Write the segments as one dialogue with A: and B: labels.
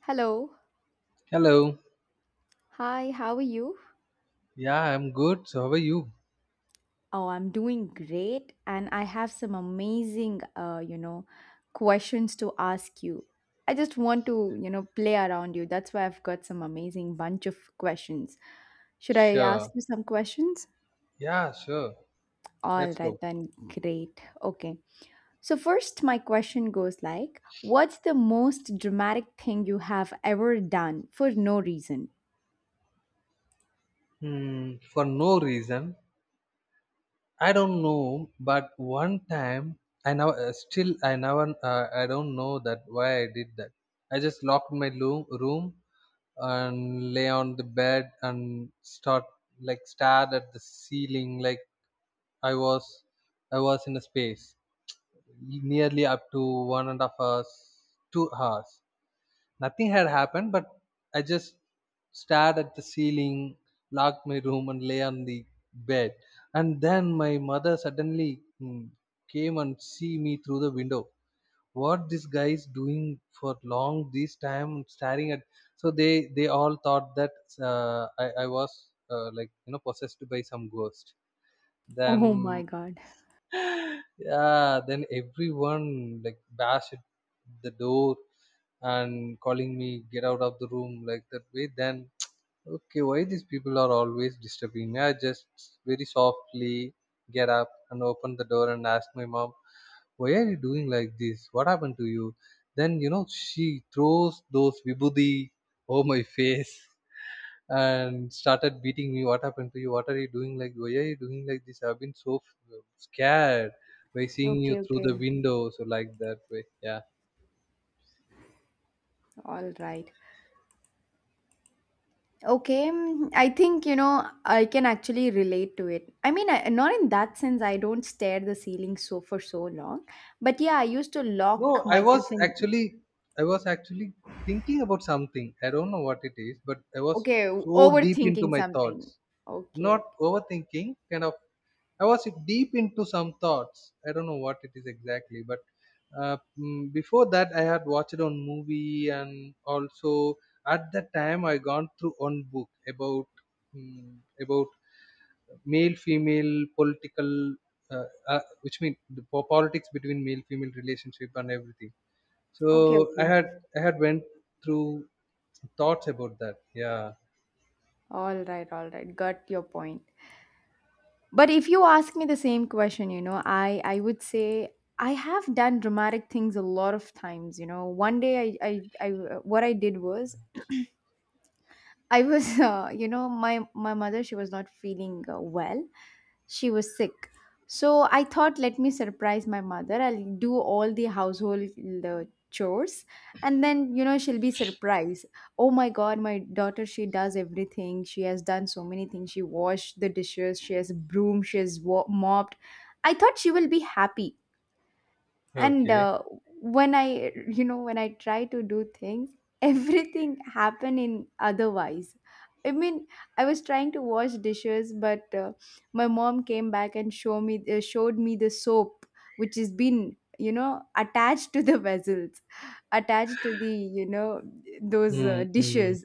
A: Hello.
B: Hello.
A: Hi, how are you?
B: Yeah, I'm good. So how are you?
A: Oh, I'm doing great, and I have some amazing, questions to ask you. I just want to, play around you. That's why I've got some amazing bunch of questions. Should I ask
B: Sure.
A: you some questions?
B: Yeah, sure.
A: All
B: Let's
A: right,
B: go.
A: then, great. Okay. So, first, my question goes like, what's the most dramatic thing you have ever done for no reason?
B: Hmm, for no reason. I don't know, but one time I now still I never I don't know that why I did that. I just locked my room and lay on the bed and start like stared at the ceiling like I was I was in a space nearly up to 1.5 hours, 2 hours. Nothing had happened, but I just stared at the ceiling, locked my room, and lay on the bed. And then my mother suddenly came and see me through the window. What this guy is doing for long this time, staring at. So they all thought that I was like possessed by some ghost.
A: Oh my
B: Then
A: God.
B: yeah, then everyone like bashed the door and calling me get out of the room, like that way. Then okay, why these people are always disturbing me? I just very softly get up and open the door and ask my mom, why are you doing like this? What happened to you? Then she throws those vibhuti over my face and started beating me. What happened to you? What are you doing? Like, why are you doing like this? I've been so scared by seeing you
A: Okay,
B: through
A: okay.
B: the window. So, like that way, yeah.
A: All right. Okay, I think you know I can actually relate to it. I mean, I, not in that sense. I don't stare at the ceiling so for so long, but yeah, I used to lock
B: No, I
A: myself
B: was
A: in.
B: actually, I was actually thinking about something. I don't know what it is, but I was
A: Okay,
B: so deep into
A: overthinking
B: my thoughts.
A: something. Okay,
B: Not
A: okay,
B: overthinking kind of. I was deep into some thoughts. I don't know what it is exactly, but before that I had watched on movie, and also at that time I gone through one book about mm, about male female political which mean the politics between male female relationship and everything. So
A: okay,
B: i
A: okay.
B: had i had went through thoughts about that, yeah.
A: All right, all right. Got your point. But if you ask me the same question, you know, I would say I have done dramatic things a lot of times. You know, one day I what I did was I was, you know, my mother she was not feeling well. She was sick. So I thought, let me surprise my mother. I'll do all the household uh, chores, and then you know she'll be surprised. Oh my God, my daughter! She does everything. She has done so many things. She washed the dishes. She has broomed. She has mopped. I thought she will be happy and
B: Okay.
A: when I you know when I try to do things everything happen in otherwise. I mean, I was trying to wash dishes but my mom came back and showed me the soap which has been you know attached to the vessels attached to the you know those
B: Mm, mm.
A: dishes.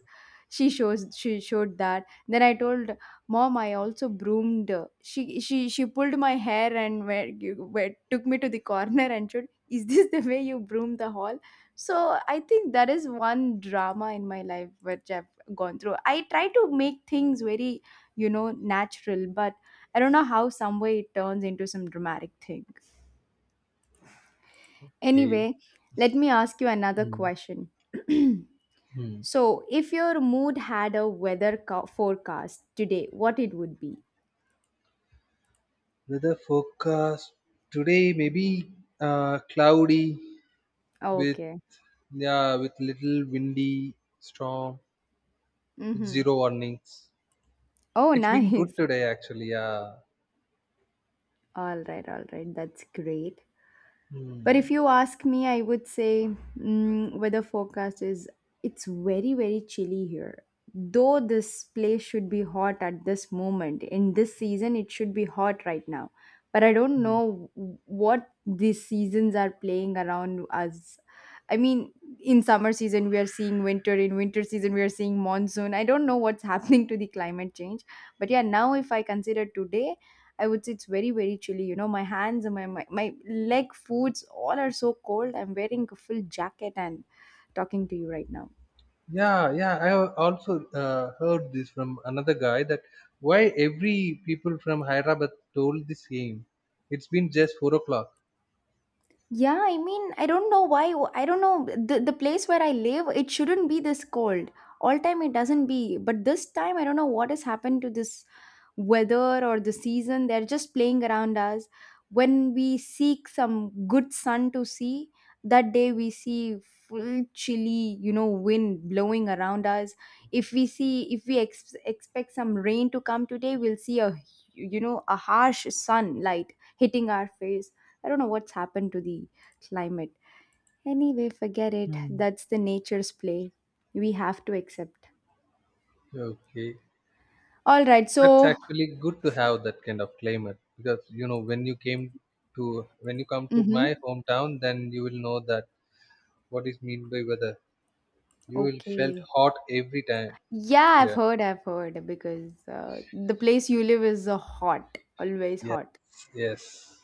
A: She shows she showed that then I told Mom, I also broomed. She pulled my hair and where took me to the corner and said, "Is this the way you broom the hall?" So I think that is one drama in my life which I've gone through. I try to make things very you know natural, but I don't know how some way it turns into some dramatic thing.
B: Okay.
A: Anyway, let me ask you another
B: Hmm.
A: question.
B: Hmm.
A: So, if your mood had a forecast today, what it would be?
B: Weather forecast today, maybe cloudy with,
A: Okay.
B: yeah, with little windy storm with
A: Mm-hmm.
B: zero warnings.
A: Oh,
B: It's been good
A: nice.
B: today actually. Yeah.
A: All right, all right. That's great. But
B: Hmm.
A: if you ask me, I would say weather forecast is it's very, very chilly here. Though this place should be hot at this moment, in this season, it should be hot right now. But I don't
B: Hmm.
A: know what these seasons are playing around us. I mean, in summer season, we are seeing winter. In winter season, we are seeing monsoon. I don't know what's happening to the climate change. But yeah, now if I consider today, I would say it's very, very chilly. You know, my hands and my leg foods all are so cold. I'm wearing a full jacket and talking to you right now.
B: Yeah, yeah. I also heard this from another guy that why every people from Hyderabad told the same. It's been just 4 o'clock.
A: Yeah, I mean, I don't know why. I don't know the place where I live. It shouldn't be this cold. All time it doesn't be, but this time I don't know what has happened to this weather or the season. They're just playing around us. When we seek some good sun to see, that day we see full chilly, you know, wind blowing around us. If we see, if we ex- expect some rain to come today, we'll see a, you know, a harsh sunlight hitting our face. I don't know what's happened to the climate. Anyway, forget it.
B: Hmm.
A: That's the nature's play. We have to accept.
B: Okay.
A: All right.
B: That's
A: So,
B: actually good to have that kind of climate because you know when you come to
A: mm-hmm.
B: my hometown, then you will know that what is mean by weather. You will felt
A: Okay.
B: hot every time
A: Yeah, I've
B: here.
A: heard. I've heard because the place you live is hot, always
B: Yes,
A: hot.
B: yes.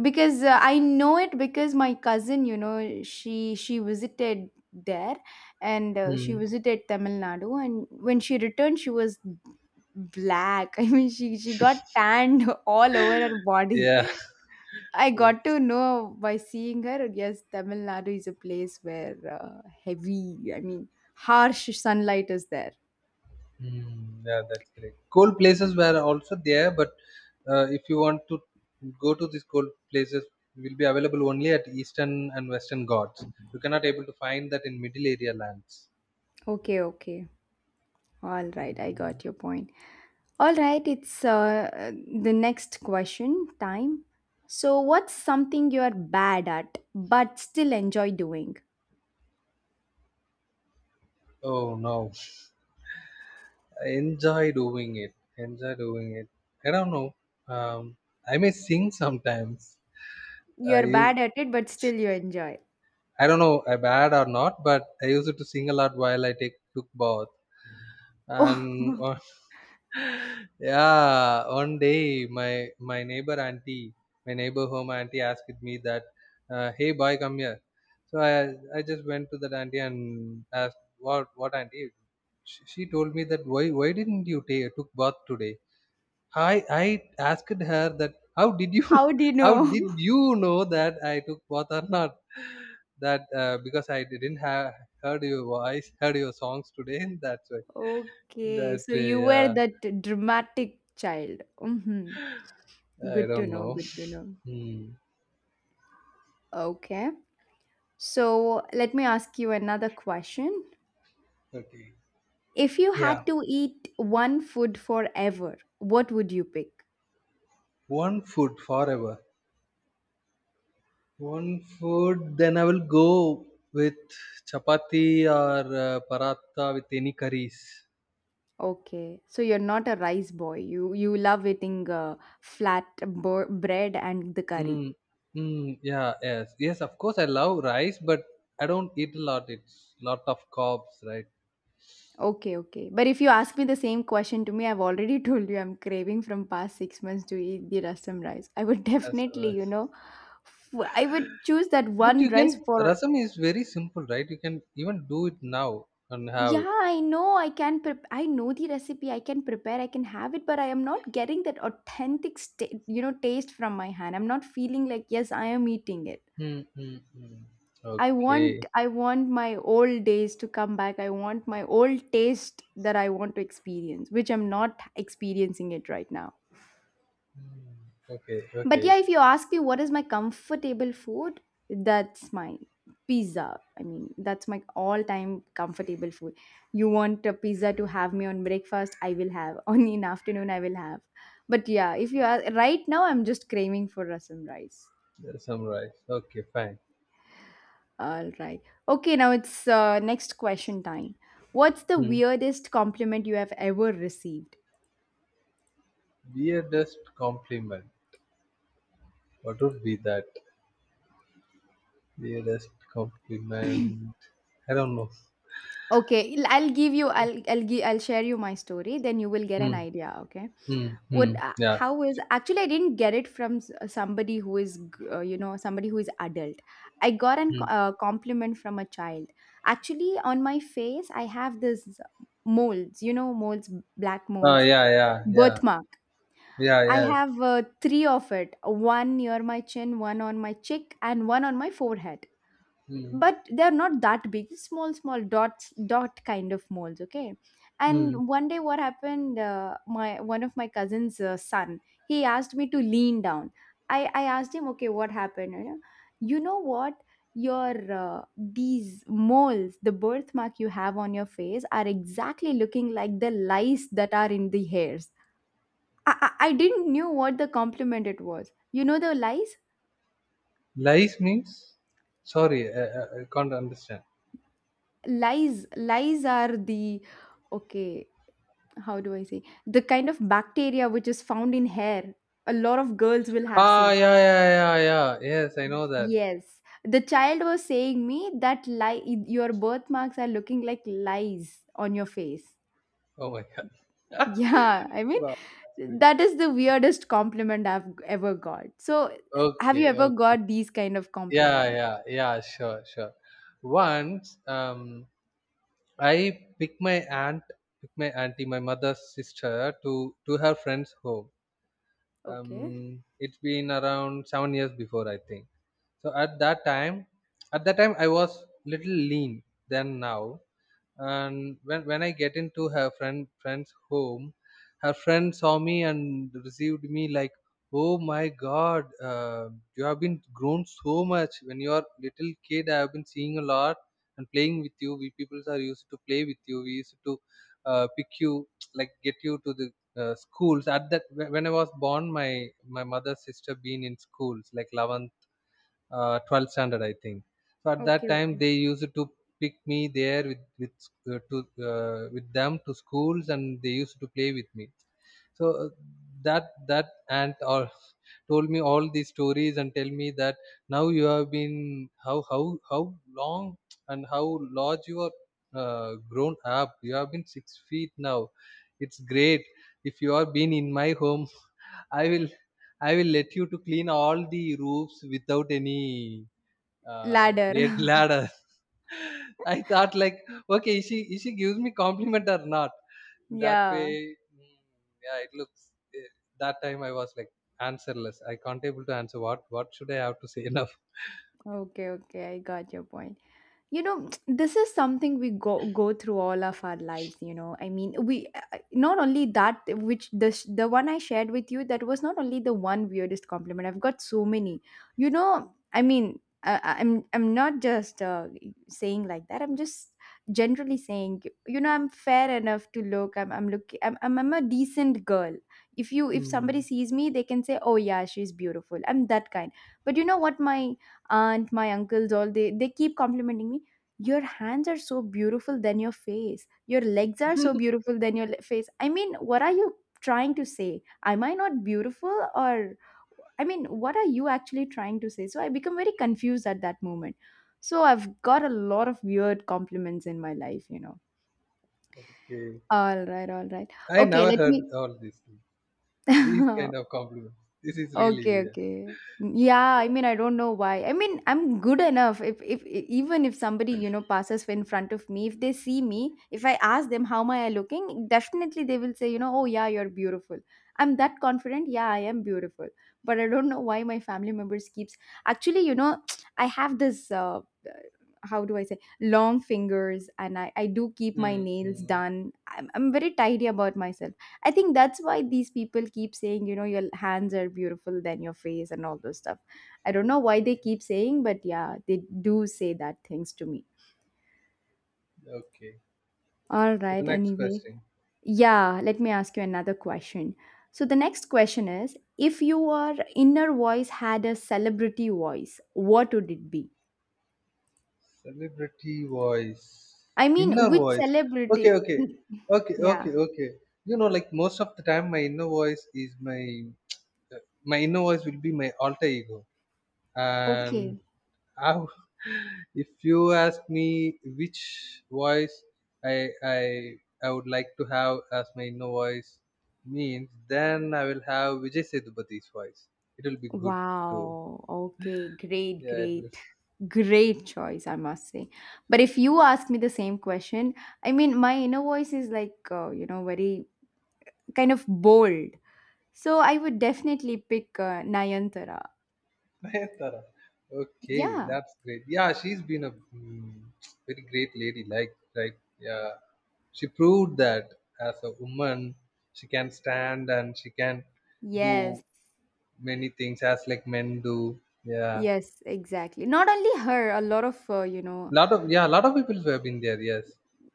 A: Because I know it because my cousin, you know, she visited there, and she
B: Hmm.
A: visited Tamil Nadu, and when she returned, she was black. I mean, she got tanned all over her body.
B: Yeah.
A: I got
B: Yes.
A: to know by seeing her. Yes, Tamil Nadu is a place where heavy, I mean, harsh sunlight is there.
B: Hmm. Yeah, that's great. Cold places were also there, but if you want to go to these cold places, will be available only at Eastern and Western Ghats. You cannot able to find that in middle area lands.
A: Okay, okay. All right, I got your point. All right, it's the next question time. So, what's something you are bad at but still enjoy doing?
B: Oh no. Enjoy doing it. Enjoy doing it. I don't know. Um, I may sing sometimes. I
A: You're
B: u-
A: bad at it, but still you enjoy.
B: I don't know if bad or not, but I used to sing a lot while I take took bath.
A: Oh,
B: And yeah, one day my neighbor home auntie asked me that, "Hey boy, come here." So I just went to that auntie and asked, "What auntie?" She told me that why didn't you take took bath today? I asked her that how did you
A: how do you
B: how
A: know?
B: did you know that I took bath or not? That because I didn't have heard your voice, heard your songs today. That's why.
A: Okay, so you
B: That
A: were that dramatic child. Hmm.
B: yeah, I
A: Good to
B: don't
A: know,
B: know.
A: good to know.
B: Hmm.
A: Okay. So let me ask you another question.
B: Okay.
A: If you
B: Yeah.
A: had to eat one food forever, what would you pick?
B: One food forever. One food. Then I will go with chapati or paratha with any curries.
A: Okay. So you're not a rice boy. You love eating flat bread and the curry.
B: Mm, mm, yeah, yes, yes. Of course, I love rice, but I don't eat a lot. It's lot of carbs, right?
A: Okay, okay. But if you ask me the same question to me, I've already told you I'm craving from past 6 months to eat the rasam rice. I would
B: As far
A: definitely, you
B: as-
A: know, I would choose that
B: but
A: one
B: you
A: rice
B: can,
A: for.
B: rasam is very simple, right? You can even do it now and have it.
A: Yeah, I know. I can prep. I know the recipe. I can prepare. I can have it, but I am not getting that authentic, you know, taste from my hand. I'm not feeling like yes, I am eating it.
B: Mm, mm, mm. Okay,
A: I want my old days to come back. I want my old taste that I want to experience, which I'm not experiencing it right now.
B: okay,
A: But
B: okay.
A: yeah, if you ask me what is my comfortable food, that's my pizza. I mean, that's my all time comfortable food. You want a pizza to have me on breakfast, I will have. Only in afternoon, I will have. But yeah, if you ask, right now, I'm just craving for rasam rice.
B: Rasam rice. Okay, fine.
A: All right. Okay, now it's next question time. What's the
B: Mm.
A: weirdest compliment you have ever received?
B: Weirdest compliment. What would be that? Weirdest compliment. I don't know.
A: Okay, I'll give you. I'll share you my story. Then you will get an
B: Mm,
A: idea. Okay.
B: mm,
A: What
B: mm. Yeah.
A: how is actually I didn't get it somebody who is you know somebody who is adult. I got an
B: Mm.
A: compliment from a child. Actually on my face I have this molds you know molds, black
B: Oh,
A: molds,
B: yeah, yeah, yeah.
A: birthmark.
B: Yeah,
A: I
B: yes.
A: have three of it, one near my chin, one on my cheek and one on my forehead.
B: Mm.
A: But they're not that big, small small dots dot kind of molds okay.
B: Mm.
A: And one day what happened, my one of my cousin's son he asked me to lean down. I asked him okay what happened, you know what, your these moles the birthmark you have on your face are exactly looking like the lice that are in the hairs. I didn't knew what the compliment it was you know the lice.
B: Lies means? Sorry, I can't understand.
A: Lice are the, okay, how do I say, the kind of bacteria which is found in hair, a lot of girls will have
B: Ah,
A: seen.
B: yeah, yeah, yeah, yeah. Yes, I know that.
A: Yes. The child was saying me that lie your birthmarks are looking like lies on your face.
B: Oh my God.
A: Yeah, I mean
B: Wow. That's good.
A: that is the weirdest compliment I've ever got. So, have
B: Okay,
A: you ever
B: okay.
A: got these kind of
B: Yeah,
A: compliment?
B: yeah, yeah, sure, sure. Once, I picked my auntie, my mother's sister, to her friend's home.
A: Okay.
B: It's been around 7 years before, I think. So at that time, I was little lean than now. And when I get into her friend's home, her friend saw me and received me like, oh my god, you have been grown so much. When you are little kid, I have been seeing a lot and playing with you. We people are used to play with you. We used to pick you like get you to the schools. At that when when I was born, my mother's sister been in schools like 11th 12th standard, I think. So at that
A: Okay,
B: time,
A: okay.
B: they used to pick me there uh, to with them to schools, and they used to play with me. So that aunt or told me all these stories and tell me that now you have been how how how long and how large you are, grown up. You have been 6 feet now. It's great. If you are been in my home, i will I will let you to clean all the roofs without any
A: Ladder.
B: ladder. I thought like, okay, is she gives me compliment or not, that way.
A: Yeah.
B: Mm, yeah, it looks, eh, that time I was like answerless. I can't able to answer what should I have to say enough.
A: Okay, okay. I got your point. You know this is something we go through all of our lives, you know. I mean we, not only that, which the the one I shared with you, that was not only the one weirdest compliment I've got, so many, you know. I mean I- am I'm not just saying like that, I'm just generally saying, you know, I'm fair enough to look, I'm looking. I'm a decent girl. If you, if somebody
B: Hmm.
A: sees me, they can say oh yeah she's beautiful, I'm that kind. But you know what, my aunt, my uncles, all they keep complimenting me, your hands are so beautiful than your face, your legs are so beautiful than your face. I mean what are you trying to say, am I not beautiful or, I mean what are you actually trying to say, so I become very confused at that moment. So I've got a lot of weird compliments in my life, you know.
B: Okay,
A: All right, all right.
B: I
A: Okay,
B: never
A: let
B: heard all these things,
A: me
B: these kind of compliments. This is really
A: Okay,
B: weird.
A: okay. Yeah, I mean, I don't know why. I mean, I'm good enough. If e, even if somebody you know passes in front of me, if they see me, if I ask them how am I looking, definitely they will say, you know, oh yeah, you're beautiful. I'm that confident. Yeah, I am beautiful. But I don't know why my family members keeps. Actually, you know, I have this. Uh, how do I say, long fingers, and I do keep my nails
B: Mm-hmm.
A: done. I'm very tidy about myself. I think that's why these people keep saying, you know, your hands are beautiful than your face and all those stuff. I don't know why they keep saying, but yeah, they do say that things to me.
B: Okay,
A: All
B: so the
A: right,
B: next
A: anyway.
B: question.
A: Yeah, let me ask you another question. So the next question is, if your inner voice had a celebrity voice, what would it be?
B: Celebrity voice,
A: I mean,
B: inner
A: which
B: voice. Okay,
A: celebrity?
B: okay, okay,
A: Yeah.
B: okay, okay. You know, like most of the time, my inner voice will be my alter ego. And
A: Okay.
B: I, w- if you ask me which voice I I I would like to have as my inner voice means, then I will have Vijay Sethupathi voice. It will be good too.
A: Wow. Okay. Great,
B: Yeah, it will.
A: great, great choice, I must say. But if you ask me the same question, I mean, my inner voice is like, you know, very kind of bold. So I would definitely pick Nayantara.
B: Nayantara. Okay,
A: Yeah.
B: that's great. Yeah, she's been a very great lady. Like, yeah, she proved that as a woman, she can stand and she can
A: Yes.
B: do many things as like men do. Yeah,
A: Yes, exactly. Not only her, a lot of, you know,
B: lot of, yeah, lot of people who have been there. Yes,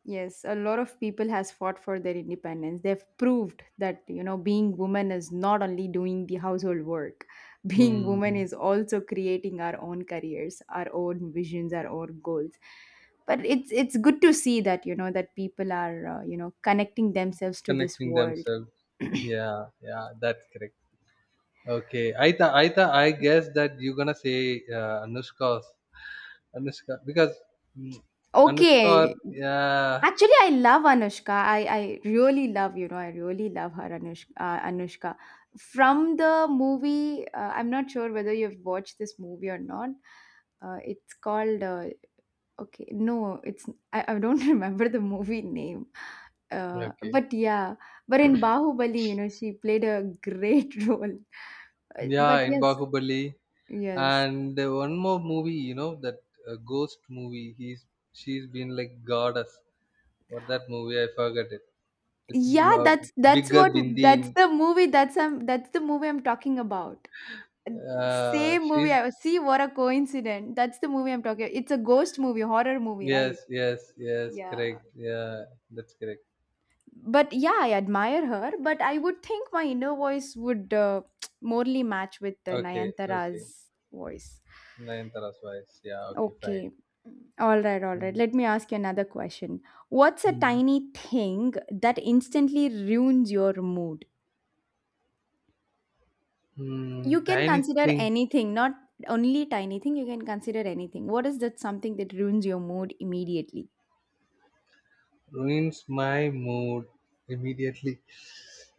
A: yes, a lot of people has fought for their independence. They've proved that, you know, being woman is not only doing the household work. Being woman
B: mm,
A: is also creating our own careers, our own visions, our own goals. But it's good to see that, you know, that people are, you know, connecting themselves to this
B: connecting
A: world.
B: themselves. Yeah, yeah, that's correct. Okay, I thought I guess that you're gonna say Anushka, because mm,
A: Okay.
B: yeah,
A: Actually, I love Anushka. I really love, you know, I really love her, Anushka. Anushka. From the movie, I'm not sure whether you've watched this movie or not. It's called, okay, no, it's, I don't remember the movie name.
B: okay,
A: But yeah, but in Bahubali, you know, she played a great role.
B: yeah,
A: But
B: in
A: yes,
B: Bahubali,
A: yes.
B: and one more movie, that ghost movie. He's she's been like goddess. What that movie? I forgot it. With
A: Yeah, that's
B: bigger
A: what
B: Bindi
A: that's
B: in.
A: the movie that's um that's the movie I'm talking about. Same movie. I
B: She's
A: was see what a coincidence. That's the movie I'm talking. It's a ghost movie, horror movie, right?
B: Yes, yes, yes,
A: Yeah.
B: correct. Yeah, that's correct.
A: But yeah, I admire her. But I would think my inner voice would morely match with
B: Okay, okay.
A: Nayantara's voice.
B: Nayantara's voice. Yeah, okay, fine.
A: Okay. All right, all right.
B: Mm.
A: Let me ask you another question. What's a
B: Mm.
A: tiny thing that instantly ruins your mood?
B: Mm,
A: You can
B: tiny
A: consider
B: thing.
A: anything, not only tiny thing. You can consider anything. What is that something that ruins your mood immediately?
B: Ruins my mood immediately,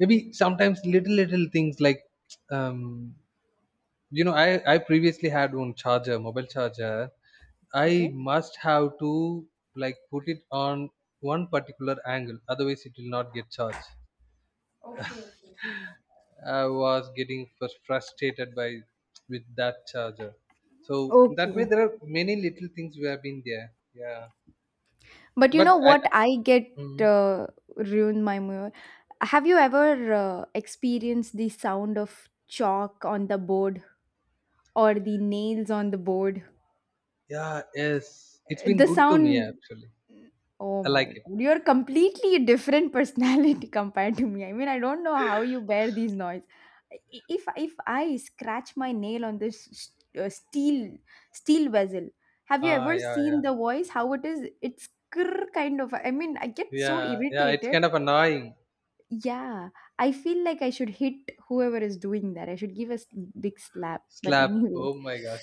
B: maybe sometimes little little things like, um you know i I previously had one charger, mobile charger. I
A: Okay.
B: must have to like put it on one particular angle, otherwise it will not get charged. I was getting frustrated by with that charger. So in that
A: Okay.
B: way, there are many little things we have been there, yeah.
A: But you
B: But
A: know what I get
B: mm,
A: uh, ruined my mood. Have you ever experienced the sound of chalk on the board or the nails on the board?
B: yeah, yes, it's been
A: The
B: good to me
A: sound.
B: actually.
A: Oh
B: I
A: my
B: like it.
A: God. You're completely a different personality compared to me. I mean, I don't know how you bear these noise. I- if I scratch my nail on this uh, steel steel vessel, have you
B: Ah,
A: ever
B: yeah,
A: seen
B: yeah,
A: the voice? How it is? It's krr kind of. I mean, I get so
B: yeah, yeah. It's
A: irritated.
B: kind of annoying.
A: Yeah, I feel like I should hit whoever is doing that. I should give a big slap. But
B: Slap.
A: anyway,
B: Oh my god.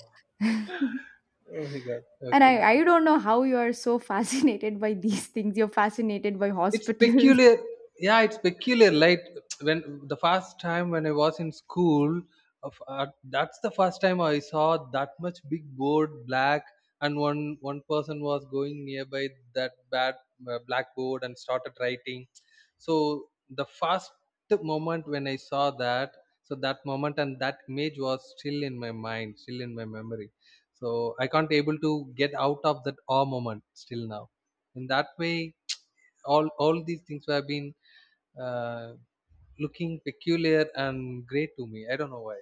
B: Oh my god.
A: and I
B: Okay.
A: I don't know how you are so fascinated by these things. You're fascinated by
B: It's
A: hospitals.
B: peculiar. Yeah, it's peculiar. Like when the first time when I was in school of that's the first time I saw that much big board black, and one person was going nearby that bad blackboard and started writing. So the first moment when I saw that, so that moment and that image was still in my mind, still in my memory. So I can't able to get out of that awe moment still now. In that way, all these things have been uh, looking peculiar and great to me. I don't know why.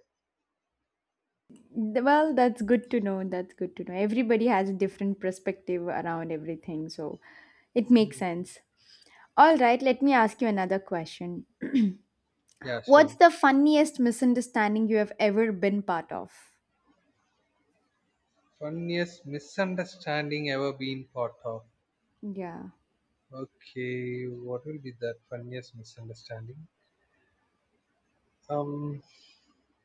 A: Well, that's good to know. That's good to know. Everybody has a different perspective around everything, so it makes sense. All right, let me ask you another question.
B: Yeah,
A: What's
B: sure.
A: the funniest misunderstanding you have ever been part of?
B: Funniest misunderstanding ever been part of.
A: Yeah.
B: Okay, what will be that funniest misunderstanding? Um,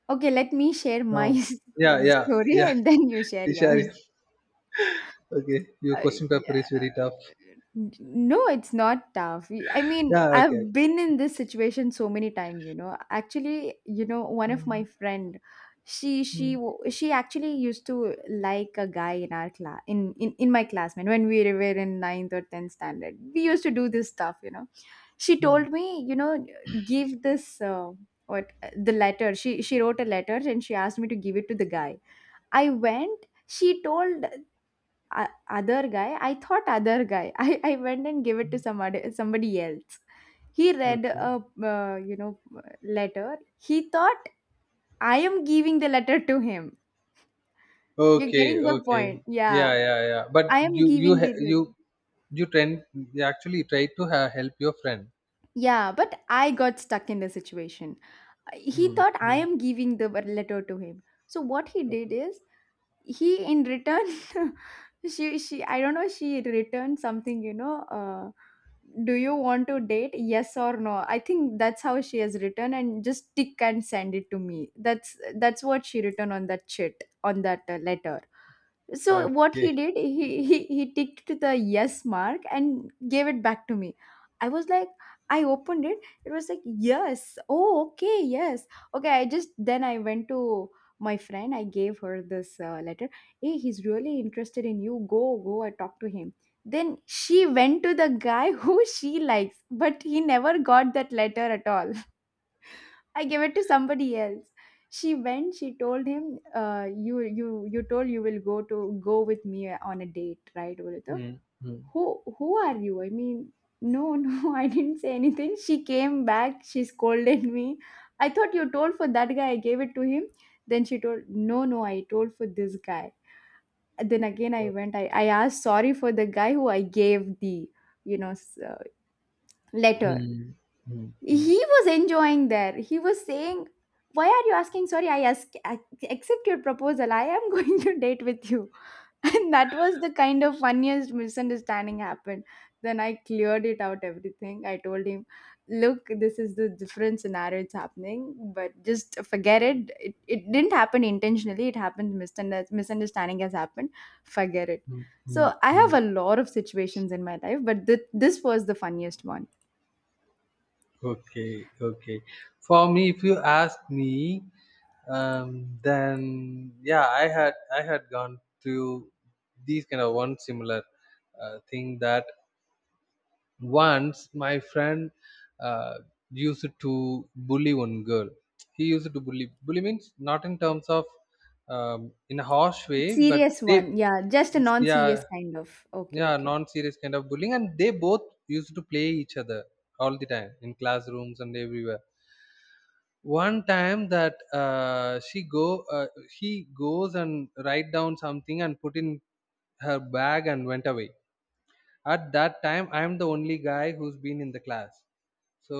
A: Okay, let me share my
B: no. Yeah, yeah,
A: story
B: yeah.
A: and then you share yours.
B: Ishari. Okay, your
A: Uh,
B: question paper is
A: yeah.
B: very tough.
A: No, it's not tough. I mean,
B: Yeah,
A: I've
B: okay.
A: been in this situation so many times, you know. Actually, you know, one of my
B: Mm,
A: friend, she she
B: mm,
A: w- she actually used to like a guy in our class in, in my classmate when we were in ninth or tenth standard. We used to do this stuff, you know. She
B: mm.
A: told me, you know, give this what the letter. She wrote a letter and she asked me to give it to the guy. I went. She told o- other guy, I thought other guy. I went and gave it to some other, somebody else. He read
B: Okay.
A: a you know letter. He thought I am giving the letter to him. You're
B: Okay,
A: getting the
B: okay.
A: point? Yeah,
B: Yeah, yeah, yeah. But
A: I am giving the letter.
B: you tend you actually try to help your friend.
A: Yeah, but I got stuck in the situation. He
B: Hmm.
A: thought I
B: Hmm.
A: am giving the letter to him, so what he did
B: Okay.
A: is he in return she I don't know, she returned something, you know, do you want to date, yes or no? I think that's how she has written and just tick and send it to me. That's what she written on that chit, on that letter. So what
B: Okay.
A: he did, he ticked the yes mark and gave it back to me. I was like, I opened it. It was like yes. Oh, okay, yes. Okay, I just then I went to my friend. I gave her this letter. Hey, he's really interested in you. Go, go. I talk to him. Then she went to the guy who she likes, but he never got that letter at all. I gave it to somebody else. She went. She told him, "You, you, you told you will go to go with me on a date, right, Urito?
B: Hmm. Hmm.
A: Who are you?" I mean, no, no, I didn't say anything. She came back. She scolded me. I thought you told for that guy. I gave it to him. Then she told, no, no, I told for this guy. And then again, I went. I asked sorry for the guy who I gave the, you know, letter.
B: Hmm. Hmm. Hmm.
A: He was enjoying there. He was saying, why are you asking sorry? I accept your proposal. I am going to date with you. And that was the kind of funniest misunderstanding happened. Then I cleared it out everything. I told him, look, this is the different scenario it's happening, but just forget it. It didn't happen intentionally. It happened. Misunderstanding has happened. Forget it.
B: Hmm. Hmm.
A: So I have
B: Hmm.
A: a lot of situations in my life, but this was the funniest one.
B: Okay. Okay. For me, if you ask me, then yeah, I had gone through these kind of one similar thing that once my friend uh, used to bully one girl. He used to bully, bully means not in terms of in a harsh way, but
A: Serious
B: they,
A: one. Yeah, just a non-serious
B: yeah,
A: kind of. Okay,
B: yeah,
A: okay.
B: non-serious kind of bullying, and they both used to play each other all the time in classrooms and everywhere. One time that she go he goes and write down something and put in her bag and went away. At that time I am the only guy who's been in the class. So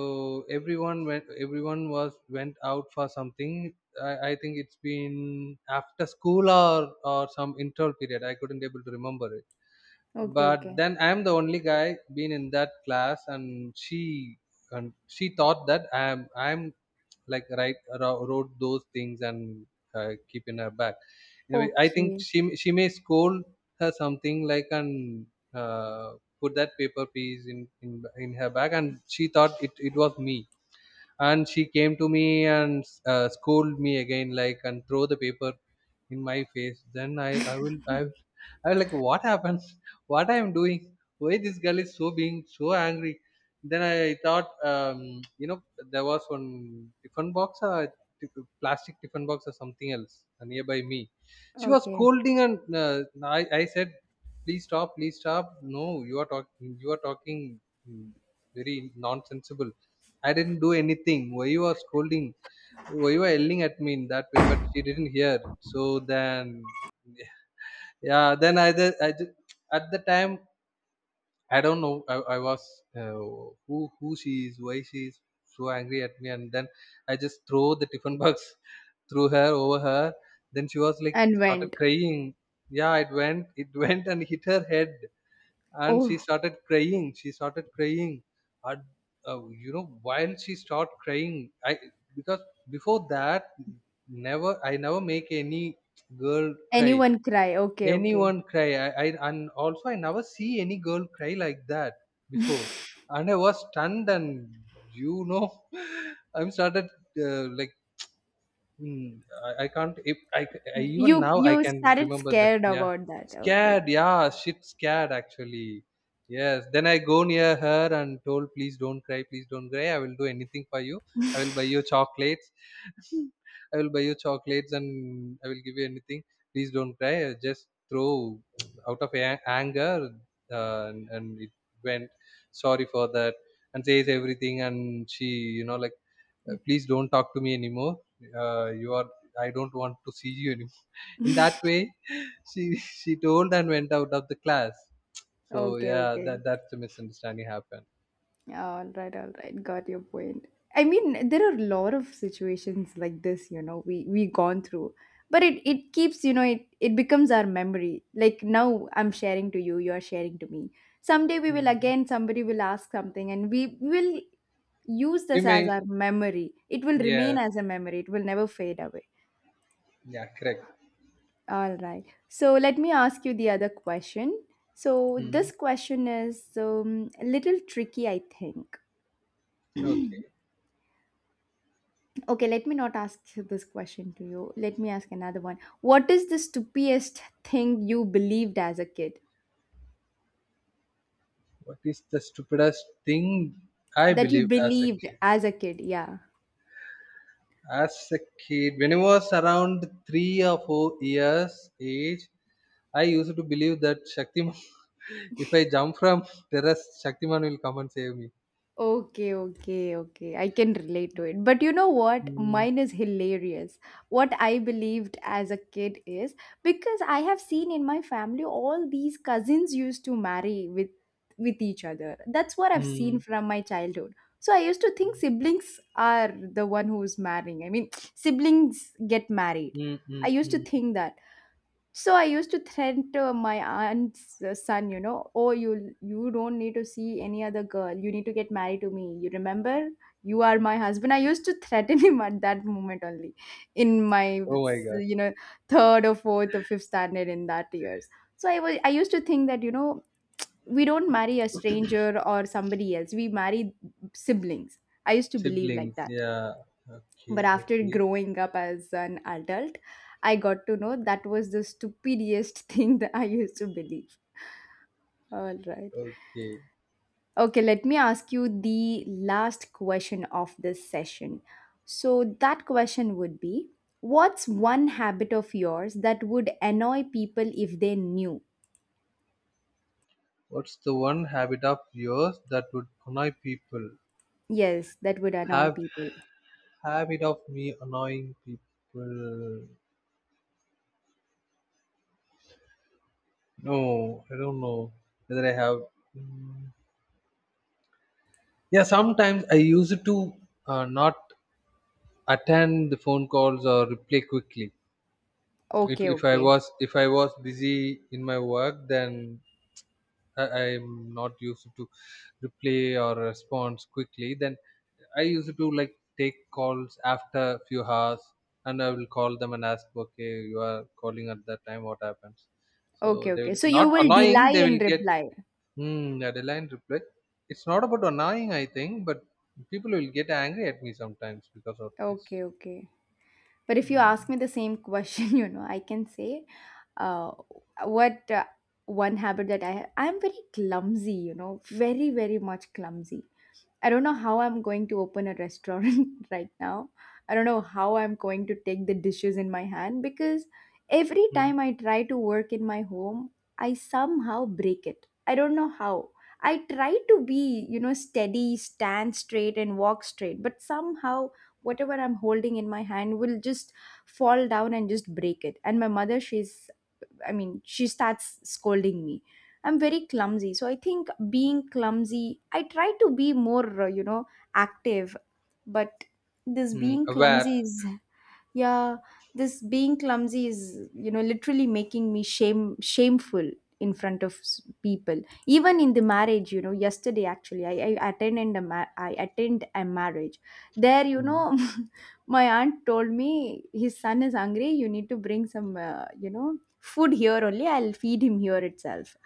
B: everyone went, everyone was went out for something. I think it's been after school or some interval period. I couldn't able to remember it.
A: Okay,
B: But
A: okay.
B: then I'm the only guy been in that class, and she thought that I'm like wrote those things and keep in her back. Anyway, I think
A: Okay.
B: she may scold her something like, and uh, put that paper piece in her bag, and she thought it was me. And she came to me and scolded me again, like, and throw the paper in my face. Then I was like, what happened, what I am doing, why this girl is so being so angry. Then I thought, there was one tiffin box or t- plastic tiffin box or something else nearby me. She was
A: Okay.
B: scolding, and I said, please stop, please stop, no, you are talking, you are talking mm, very nonsensible. I didn't do anything. Why you are scolding? Why you are yelling at me in that way? But she didn't hear. So then, yeah. Then at the time, I don't know. I was uh, who she is, why she is so angry at me, and then I just throw the tiffin box through her, over her. Then she was like
A: And
B: started
A: went.
B: crying. Yeah, it went, it went and hit her head, and
A: Oh,
B: she started crying. And you know, while she started crying, I, because before that, never I never make any girl cry,
A: anyone cry. Okay, okay.
B: anyone cry. I and also I never see any girl cry like that before. And I was stunned and, you know, I'm started like, hmm. I can't. If I, c- I- Even
A: You
B: now I
A: you
B: can
A: started
B: remember that.
A: scared
B: Yeah,
A: about that. Okay.
B: scared. Yeah, shit, scared. Actually, yes. Then I go near her and told, please don't cry, please don't cry, I will do anything for you. I will buy you chocolates. I will buy you chocolates and I will give you anything. Please don't cry. I just throw out of anger, and it went, sorry for that, and says everything. And she, you know, like, please don't talk to me anymore, you are, I don't want to see you anymore, in that way. she she told and went out of the class. So
A: Okay,
B: yeah,
A: okay.
B: that, that's the misunderstanding happened.
A: All right, all right. Got your point. I mean, there are a lot of situations like this, you know, we gone through. But it keeps, you know, it becomes our memory. Like now I'm sharing to you, you're sharing to me. Someday we will
B: Mm.
A: again somebody will ask something and we will use
B: You
A: this as
B: may,
A: our memory. It will remain
B: yes,
A: as a memory. It will never fade away.
B: yeah, correct.
A: All right. So let me ask you the other question. So
B: Mm.
A: this question is a little tricky, I think.
B: Okay.
A: Okay, let me not ask this question to you. Let me ask another one. What is the stupidest thing you believed as a kid?
B: What is the stupidest thing I
A: That you
B: believe as a,
A: believed as a kid, yeah.
B: as a kid? When I was around 3 or 4 years age, I used to believe that Shaktiman, if I jump from terrace, Shaktiman will come and save me.
A: Okay, okay, okay. I can relate to it. But you know what?
B: Mm,
A: Mine is hilarious. What I believed as a kid is because I have seen in my family all these cousins used to marry with each other. That's what I've seen
B: mm,
A: from my childhood. So I used to think siblings are the one who's marrying. I mean, siblings get married.
B: mm,
A: I
B: mm,
A: used to
B: mm.
A: think that. So I used to threaten to my aunt's son, you know, oh, you don't need to see any other girl. You need to get married to me. You remember? You are my husband. I used to threaten him at that moment only, in my,
B: Oh my God,
A: you know, third or fourth or fifth standard in that years. So I used to think that, you know, we don't marry a stranger or somebody else. We marry siblings. I used to believe like
B: siblings.
A: that,
B: Yeah. Okay,
A: but after
B: okay,
A: growing up as an adult, I got to know that was the stupidest thing that I used to believe. All right.
B: okay.
A: Okay, let me ask you the last question of this session. So, that question would be, what's one habit of yours that would annoy people if they knew?
B: What's the one habit of yours that would annoy people?
A: Yes, that would annoy
B: Have
A: people.
B: habit of me annoying people? No, I don't know whether I have. Mm. Yeah, sometimes I use it to not attend the phone calls or reply quickly. If
A: Okay,
B: if I
A: okay.
B: was if I was busy in my work, then am not used to reply or response quickly. Then I used to like take calls after a few hours, and I will call them and ask, okay, you are calling at that time, what happens. So
A: Okay,
B: they
A: okay.
B: will
A: So, you
B: not
A: will
B: annoying,
A: delay
B: they
A: in
B: will get,
A: reply.
B: hmm, a deadline reply. It's not about annoying, I think, but people will get angry at me sometimes because of this.
A: Okay, okay. But if you ask me the same question, you know, I can say uh, what one habit that I have. I'm very clumsy, you know, very, very much clumsy. I don't know how I'm going to open a restaurant right now. I don't know how I'm going to take the dishes in my hand because every
B: Hmm.
A: time I try to work in my home, I somehow break it. I don't know how. I try to be, you know, steady, stand straight, and walk straight, but somehow whatever I'm holding in my hand will just fall down and just break it. And my mother, she's, I mean, she starts scolding me. I'm very clumsy. So I think being clumsy, I try to be more, you know, active, but this
B: Hmm.
A: being
B: Aware.
A: clumsy is yeah, this being clumsy is, you know, literally making me shameful in front of people, even in the marriage, you know, yesterday actually I attended a I attend a marriage there, you
B: Hmm.
A: know. My aunt told me his son is hungry, you need to bring some you know, food. Here only I'll feed him here itself.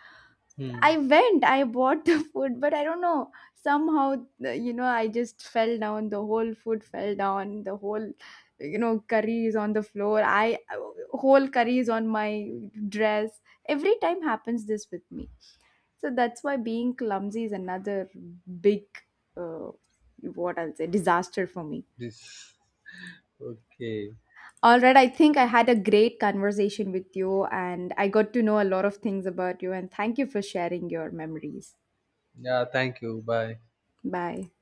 B: Hmm.
A: I went, I bought the food, but I don't know. Somehow, you know, I just fell down. The whole food fell down. The whole, you know, curry is on the floor. I Whole curry is on my dress. Every time happens this with me. So that's why being clumsy is another big, uh, what I'll say, disaster for me.
B: This, okay.
A: All right, I think I had a great conversation with you, and I got to know a lot of things about you. And thank you for sharing your memories.
B: Yeah, thank you, bye.
A: Bye.